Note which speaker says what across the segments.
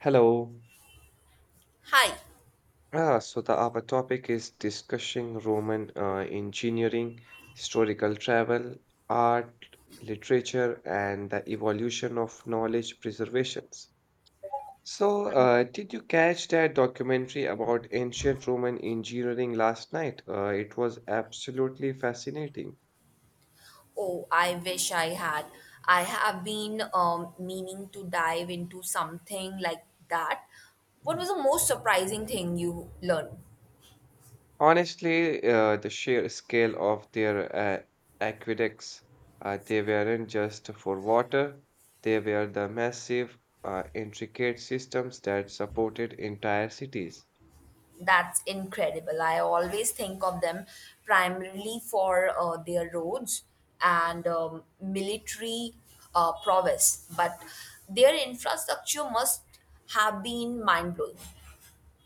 Speaker 1: Hello.
Speaker 2: Hi.
Speaker 1: Ah, so the our topic is discussing Roman engineering, historical travel, art, literature, and the evolution of knowledge preservations. So did you catch that documentary about ancient Roman engineering last night? It was absolutely fascinating.
Speaker 2: Oh, I wish I had. I have been meaning to dive into something like that. What was the most surprising thing you learned?
Speaker 1: Honestly, the sheer scale of their aqueducts, they weren't just for water, they were the massive, intricate systems that supported entire cities.
Speaker 2: That's incredible. I always think of them primarily for their roads and military prowess, but their infrastructure must have been mind blowing.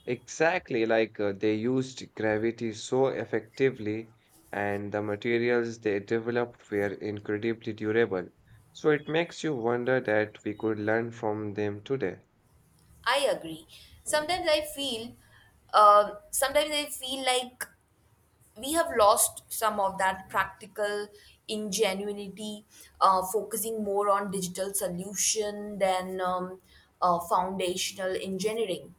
Speaker 1: Exactly, like they used gravity so effectively, and the materials they developed were incredibly durable. So it makes you wonder that we could learn from them today.
Speaker 2: I agree. Sometimes I feel, sometimes I feel like we have lost some of that practical ingenuity, focusing more on digital solution than foundational engineering.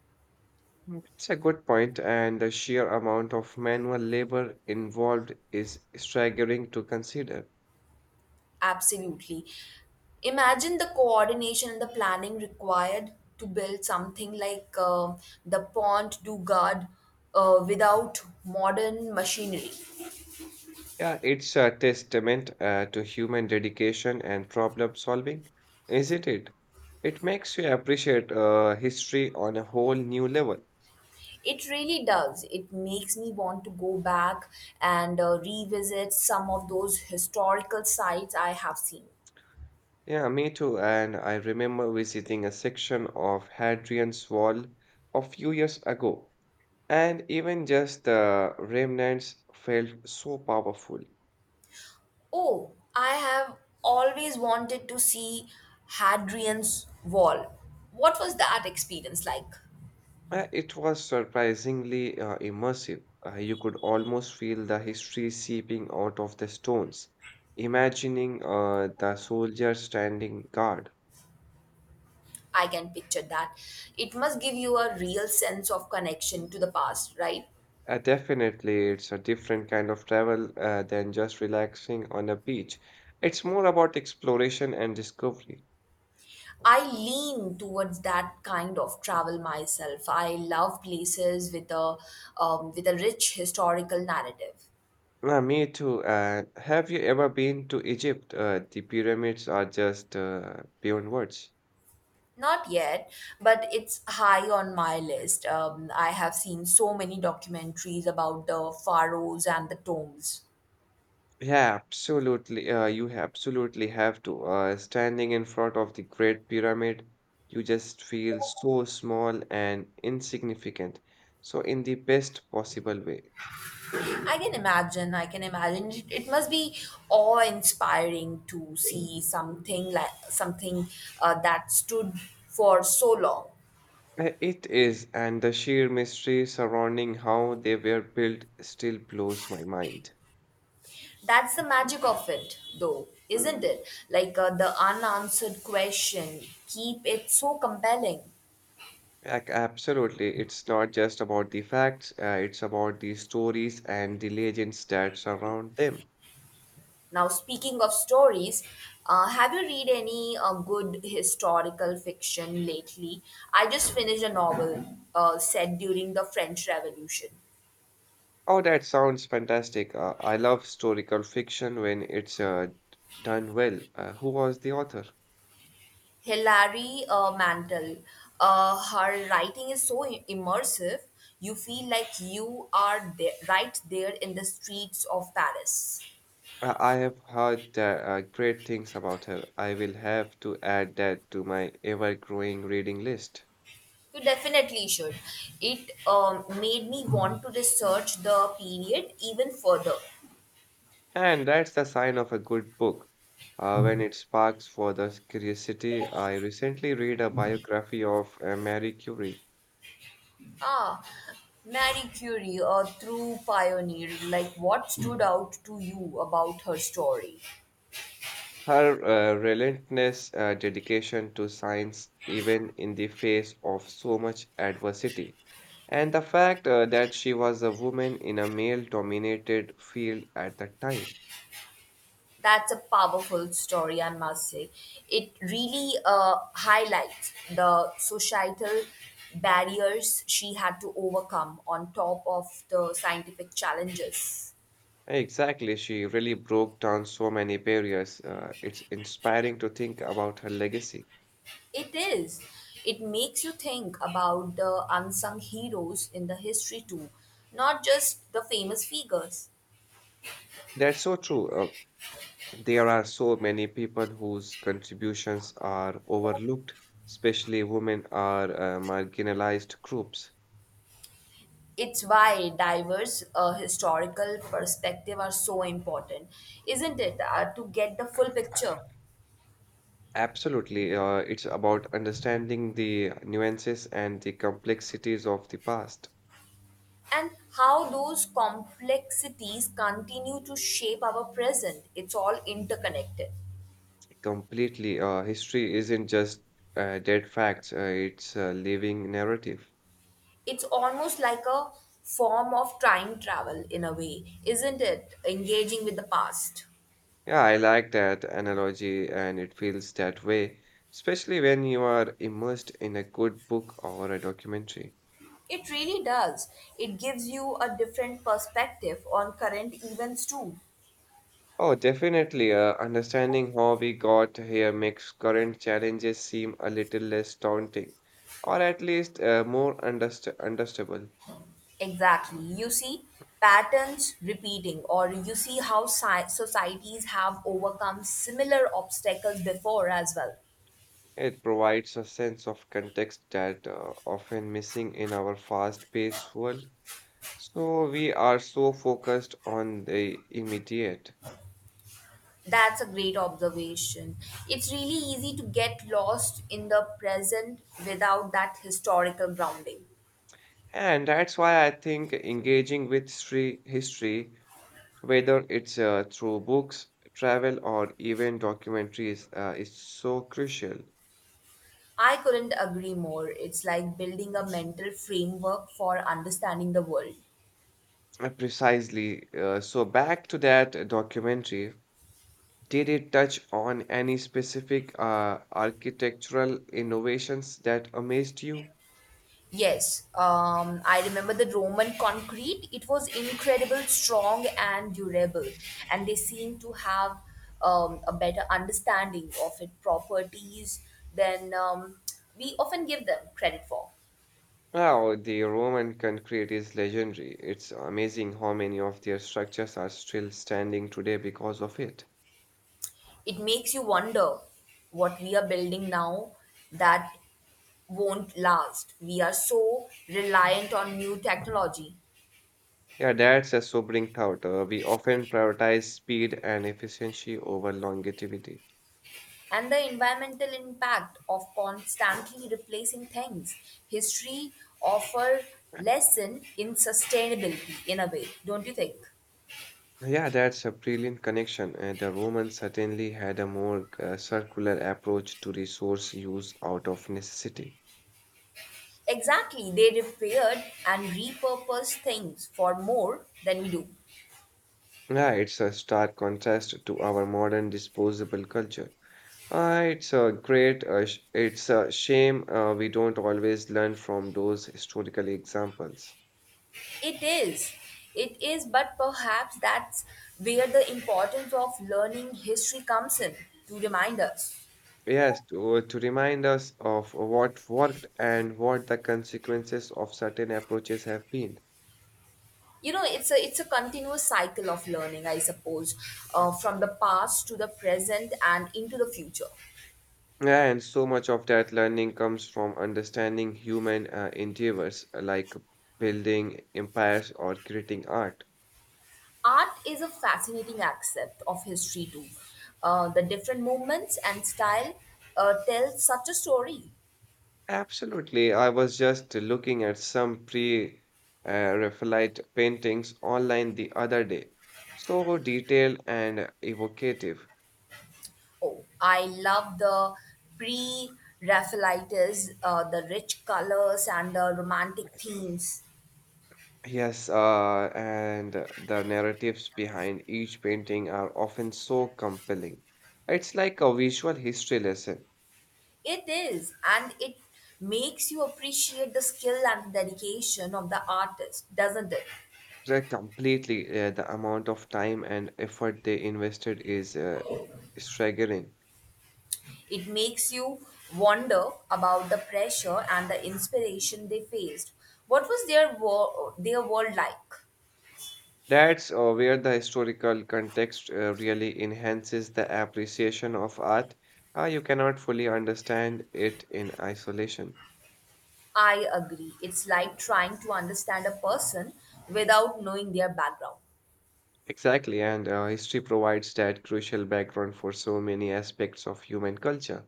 Speaker 1: It's a good point, and the sheer amount of manual labor involved is staggering to consider.
Speaker 2: Absolutely. Imagine the coordination and the planning required to build something like the Pont du Gard without modern machinery.
Speaker 1: Yeah, it's a testament to human dedication and problem solving, isn't it? It makes you appreciate history on a whole new level.
Speaker 2: It really does. It makes me want to go back and revisit some of those historical sites I have seen.
Speaker 1: Yeah, me too. And I remember visiting a section of Hadrian's Wall a few years ago, and even just the remnants felt so powerful.
Speaker 2: Oh, I have always wanted to see Hadrian's Wall. What was that experience like?
Speaker 1: It was surprisingly immersive. You could almost feel the history seeping out of the stones, imagining the soldier standing guard.
Speaker 2: I can picture that. It must give you a real sense of connection to the past, right?
Speaker 1: Definitely, it's a different kind of travel than just relaxing on a beach. It's more about exploration and discovery.
Speaker 2: I lean towards that kind of travel myself. I love places with a rich historical narrative.
Speaker 1: Me too. And have you ever been to Egypt? The pyramids are just beyond words.
Speaker 2: Not yet, but it's high on my list. I have seen so many documentaries about the pharaohs and the tombs.
Speaker 1: Yeah, absolutely. You absolutely have to. Standing in front of the Great Pyramid, you just feel so small and insignificant. So, in the best possible way.
Speaker 2: I can imagine, I can imagine. It must be awe-inspiring to see something like something that stood for so long.
Speaker 1: It is, and the sheer mystery surrounding how they were built still blows my mind.
Speaker 2: That's the magic of it, though, isn't it? Like the unanswered question keep it so compelling.
Speaker 1: Absolutely. It's not just about the facts, it's about the stories and the legends that surround them.
Speaker 2: Now, speaking of stories, have you read any good historical fiction lately? I just finished a novel set during the French Revolution.
Speaker 1: Oh, that sounds fantastic. I love historical fiction when it's done well. Who was the author?
Speaker 2: Hilary Mantel. Her writing is so immersive, you feel like you are there, right there in the streets of Paris.
Speaker 1: I have heard great things about her. I will have to add that to my ever-growing reading list.
Speaker 2: You definitely should. It made me want to research the period even further.
Speaker 1: And that's the sign of a good book. When it sparks for the curiosity, I recently read a biography of Marie Curie.
Speaker 2: Ah, Marie Curie, a true pioneer. Like, what stood out to you about her story?
Speaker 1: Her relentless dedication to science, even in the face of so much adversity, and the fact that she was a woman in a male dominated field at the time.
Speaker 2: That's a powerful story, I must say. It really highlights the societal barriers she had to overcome on top of the scientific challenges.
Speaker 1: Exactly, she really broke down so many barriers. It's inspiring to think about her legacy.
Speaker 2: It is. It makes you think about the unsung heroes in the history too, not just the famous figures.
Speaker 1: That's so true. There are so many people whose contributions are overlooked, especially women are marginalized groups.
Speaker 2: It's why diverse historical perspective are so important, isn't it? To get the full picture
Speaker 1: Absolutely. It's about understanding the nuances and the complexities of the past.
Speaker 2: and how those complexities continue to shape our present. It's all interconnected.
Speaker 1: Completely. History isn't just dead facts, it's a living narrative.
Speaker 2: It's almost like a form of time travel in a way, isn't it? Engaging with the past.
Speaker 1: Yeah, I like that analogy, and it feels that way, especially when you are immersed in a good book or a documentary.
Speaker 2: It really does. It gives you a different perspective on current events too.
Speaker 1: Oh, definitely. Understanding how we got here makes current challenges seem a little less daunting, or at least more understandable.
Speaker 2: Exactly. You see patterns repeating, or you see how societies have overcome similar obstacles before as well.
Speaker 1: It provides a sense of context that often missing in our fast-paced world. So we are so focused on the immediate.
Speaker 2: That's a great observation. It's really easy to get lost in the present without that historical grounding.
Speaker 1: And that's why I think engaging with history, whether it's through books, travel, or even documentaries, is so crucial.
Speaker 2: I couldn't agree more. It's like building a mental framework for understanding the world.
Speaker 1: Precisely. So back to that documentary. Did it touch on any specific architectural innovations that amazed you?
Speaker 2: Yes, I remember the Roman concrete. It was incredible, strong, and durable. And they seem to have a better understanding of its properties than we often give them credit for.
Speaker 1: Wow, the Roman concrete is legendary. It's amazing how many of their structures are still standing today because of it.
Speaker 2: It makes you wonder what we are building now that won't last. We are so reliant on new technology.
Speaker 1: Yeah, that's a sobering thought. We often prioritize speed and efficiency over longevity.
Speaker 2: And the environmental impact of constantly replacing things. History offer lesson in sustainability in a way, don't you think?
Speaker 1: Yeah, that's a brilliant connection. The Romans certainly had a more circular approach to resource use out of necessity.
Speaker 2: Exactly, they repaired and repurposed things for more than we do.
Speaker 1: Yeah, it's a stark contrast to our modern disposable culture. It's a shame we don't always learn from those historical examples.
Speaker 2: It is. It is, but perhaps that's where the importance of learning history comes in to remind us
Speaker 1: Yes, to remind us of what worked and what the consequences of certain approaches have been.
Speaker 2: you know It's a continuous cycle of learning, I suppose, from the past to the present and into the future.
Speaker 1: Yeah, and so much of that learning comes from understanding human endeavors like building empires or creating art.
Speaker 2: Art is a fascinating aspect of history too. The different movements and style tell such a story.
Speaker 1: Absolutely. I was just looking at some pre-Raphaelite paintings online the other day. So detailed and evocative.
Speaker 2: Oh, I love the pre-Raphaelites, the rich colors and the romantic themes.
Speaker 1: Yes, and the narratives behind each painting are often so compelling. It's like a visual history lesson.
Speaker 2: It is, and it makes you appreciate the skill and dedication of the artist, doesn't it?
Speaker 1: They're completely, the amount of time and effort they invested is staggering.
Speaker 2: It makes you wonder about the pressure and the inspiration they faced. What was their world like?
Speaker 1: That's where the historical context really enhances the appreciation of art. You cannot fully understand it in isolation.
Speaker 2: I agree. It's like trying to understand a person without knowing their background.
Speaker 1: Exactly, and history provides that crucial background for so many aspects of human culture.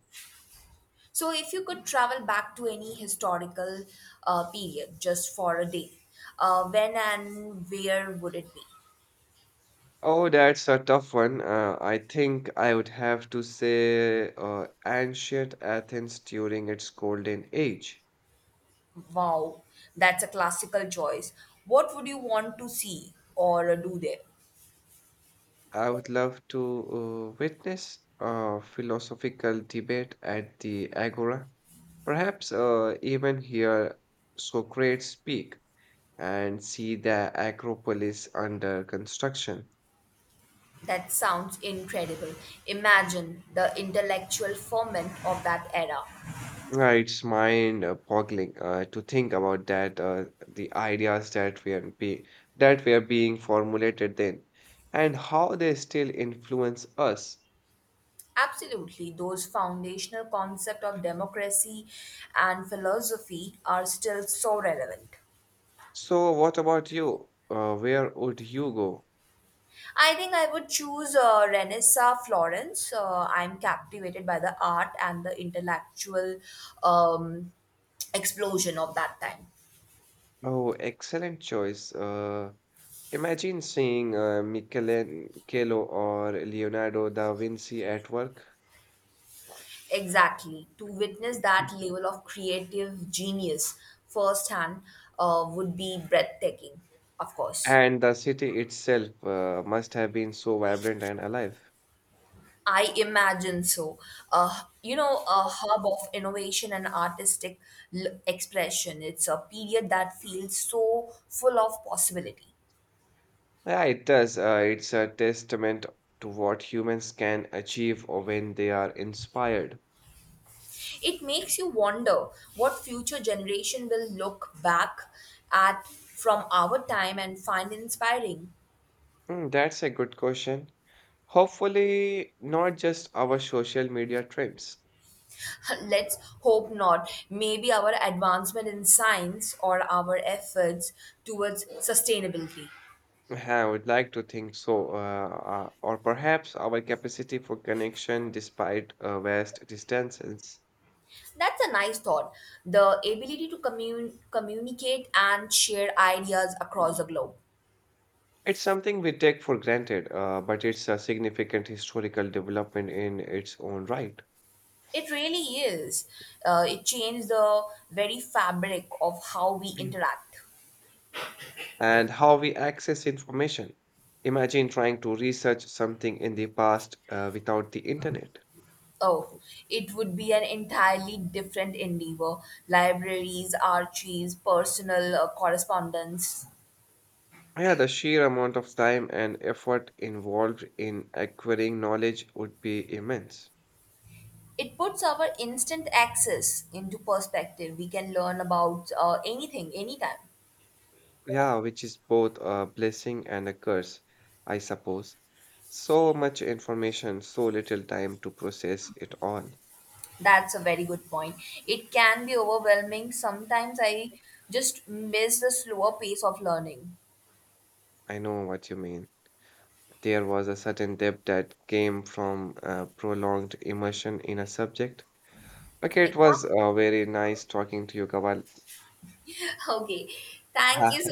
Speaker 2: So, if you could travel back to any historical period just for a day, when and where would it be?
Speaker 1: Oh, that's a tough one. I think I would have to say ancient Athens during its golden age.
Speaker 2: Wow, that's a classical choice. What would you want to see or do there?
Speaker 1: I would love to witness a philosophical debate at the Agora. Perhaps even hear Socrates speak and see the Acropolis under construction.
Speaker 2: That sounds incredible. Imagine the intellectual ferment of that era.
Speaker 1: It's mind-boggling to think about that, the ideas that were be that were being formulated then, and how they still influence us.
Speaker 2: Absolutely, those foundational concepts of democracy and philosophy are still so relevant.
Speaker 1: So, what about you? Where would you go?
Speaker 2: I think I would choose Renessa Florence. I'm captivated by the art and the intellectual um, explosion of that time.
Speaker 1: Oh, excellent choice. Imagine seeing Michelangelo or Leonardo da Vinci at work,
Speaker 2: Exactly. To witness that level of creative genius firsthand would be breathtaking, of course.
Speaker 1: and the city itself must have been so vibrant and alive.
Speaker 2: I imagine so. You know, a hub of innovation and artistic expression. It's a period that feels so full of possibility.
Speaker 1: Yeah, it does. It's a testament to what humans can achieve when they are inspired.
Speaker 2: It makes you wonder what future generation will look back at from our time and find inspiring.
Speaker 1: Hmm, that's a good question. Hopefully, not just our social media trends.
Speaker 2: Let's hope not. Maybe our advancement in science or our efforts towards sustainability.
Speaker 1: Yeah, I would like to think so, or perhaps our capacity for connection despite vast distances.
Speaker 2: That's a nice thought. The ability to communicate and share ideas across the globe.
Speaker 1: It's something we take for granted, but it's a significant historical development in its own right.
Speaker 2: It really is. It changed the very fabric of how we
Speaker 1: Mm,
Speaker 2: interact.
Speaker 1: and how we access information. Imagine trying to research something in the past without the internet.
Speaker 2: Oh, it would be an entirely different endeavor. Libraries, archives, personal correspondence.
Speaker 1: Yeah, the sheer amount of time and effort involved in acquiring knowledge would be immense.
Speaker 2: It puts our instant access into perspective. We can learn about anything, anytime.
Speaker 1: Yeah, which is both a blessing and a curse, I suppose. So much information, so little time to process it all.
Speaker 2: That's a very good point. It can be overwhelming. Sometimes I just miss the slower pace of learning.
Speaker 1: I know what you mean. There was a certain depth that came from prolonged immersion in a subject. Okay, it was
Speaker 2: Exactly.
Speaker 1: very nice talking to you, Kawal.
Speaker 2: Okay. Thank you so.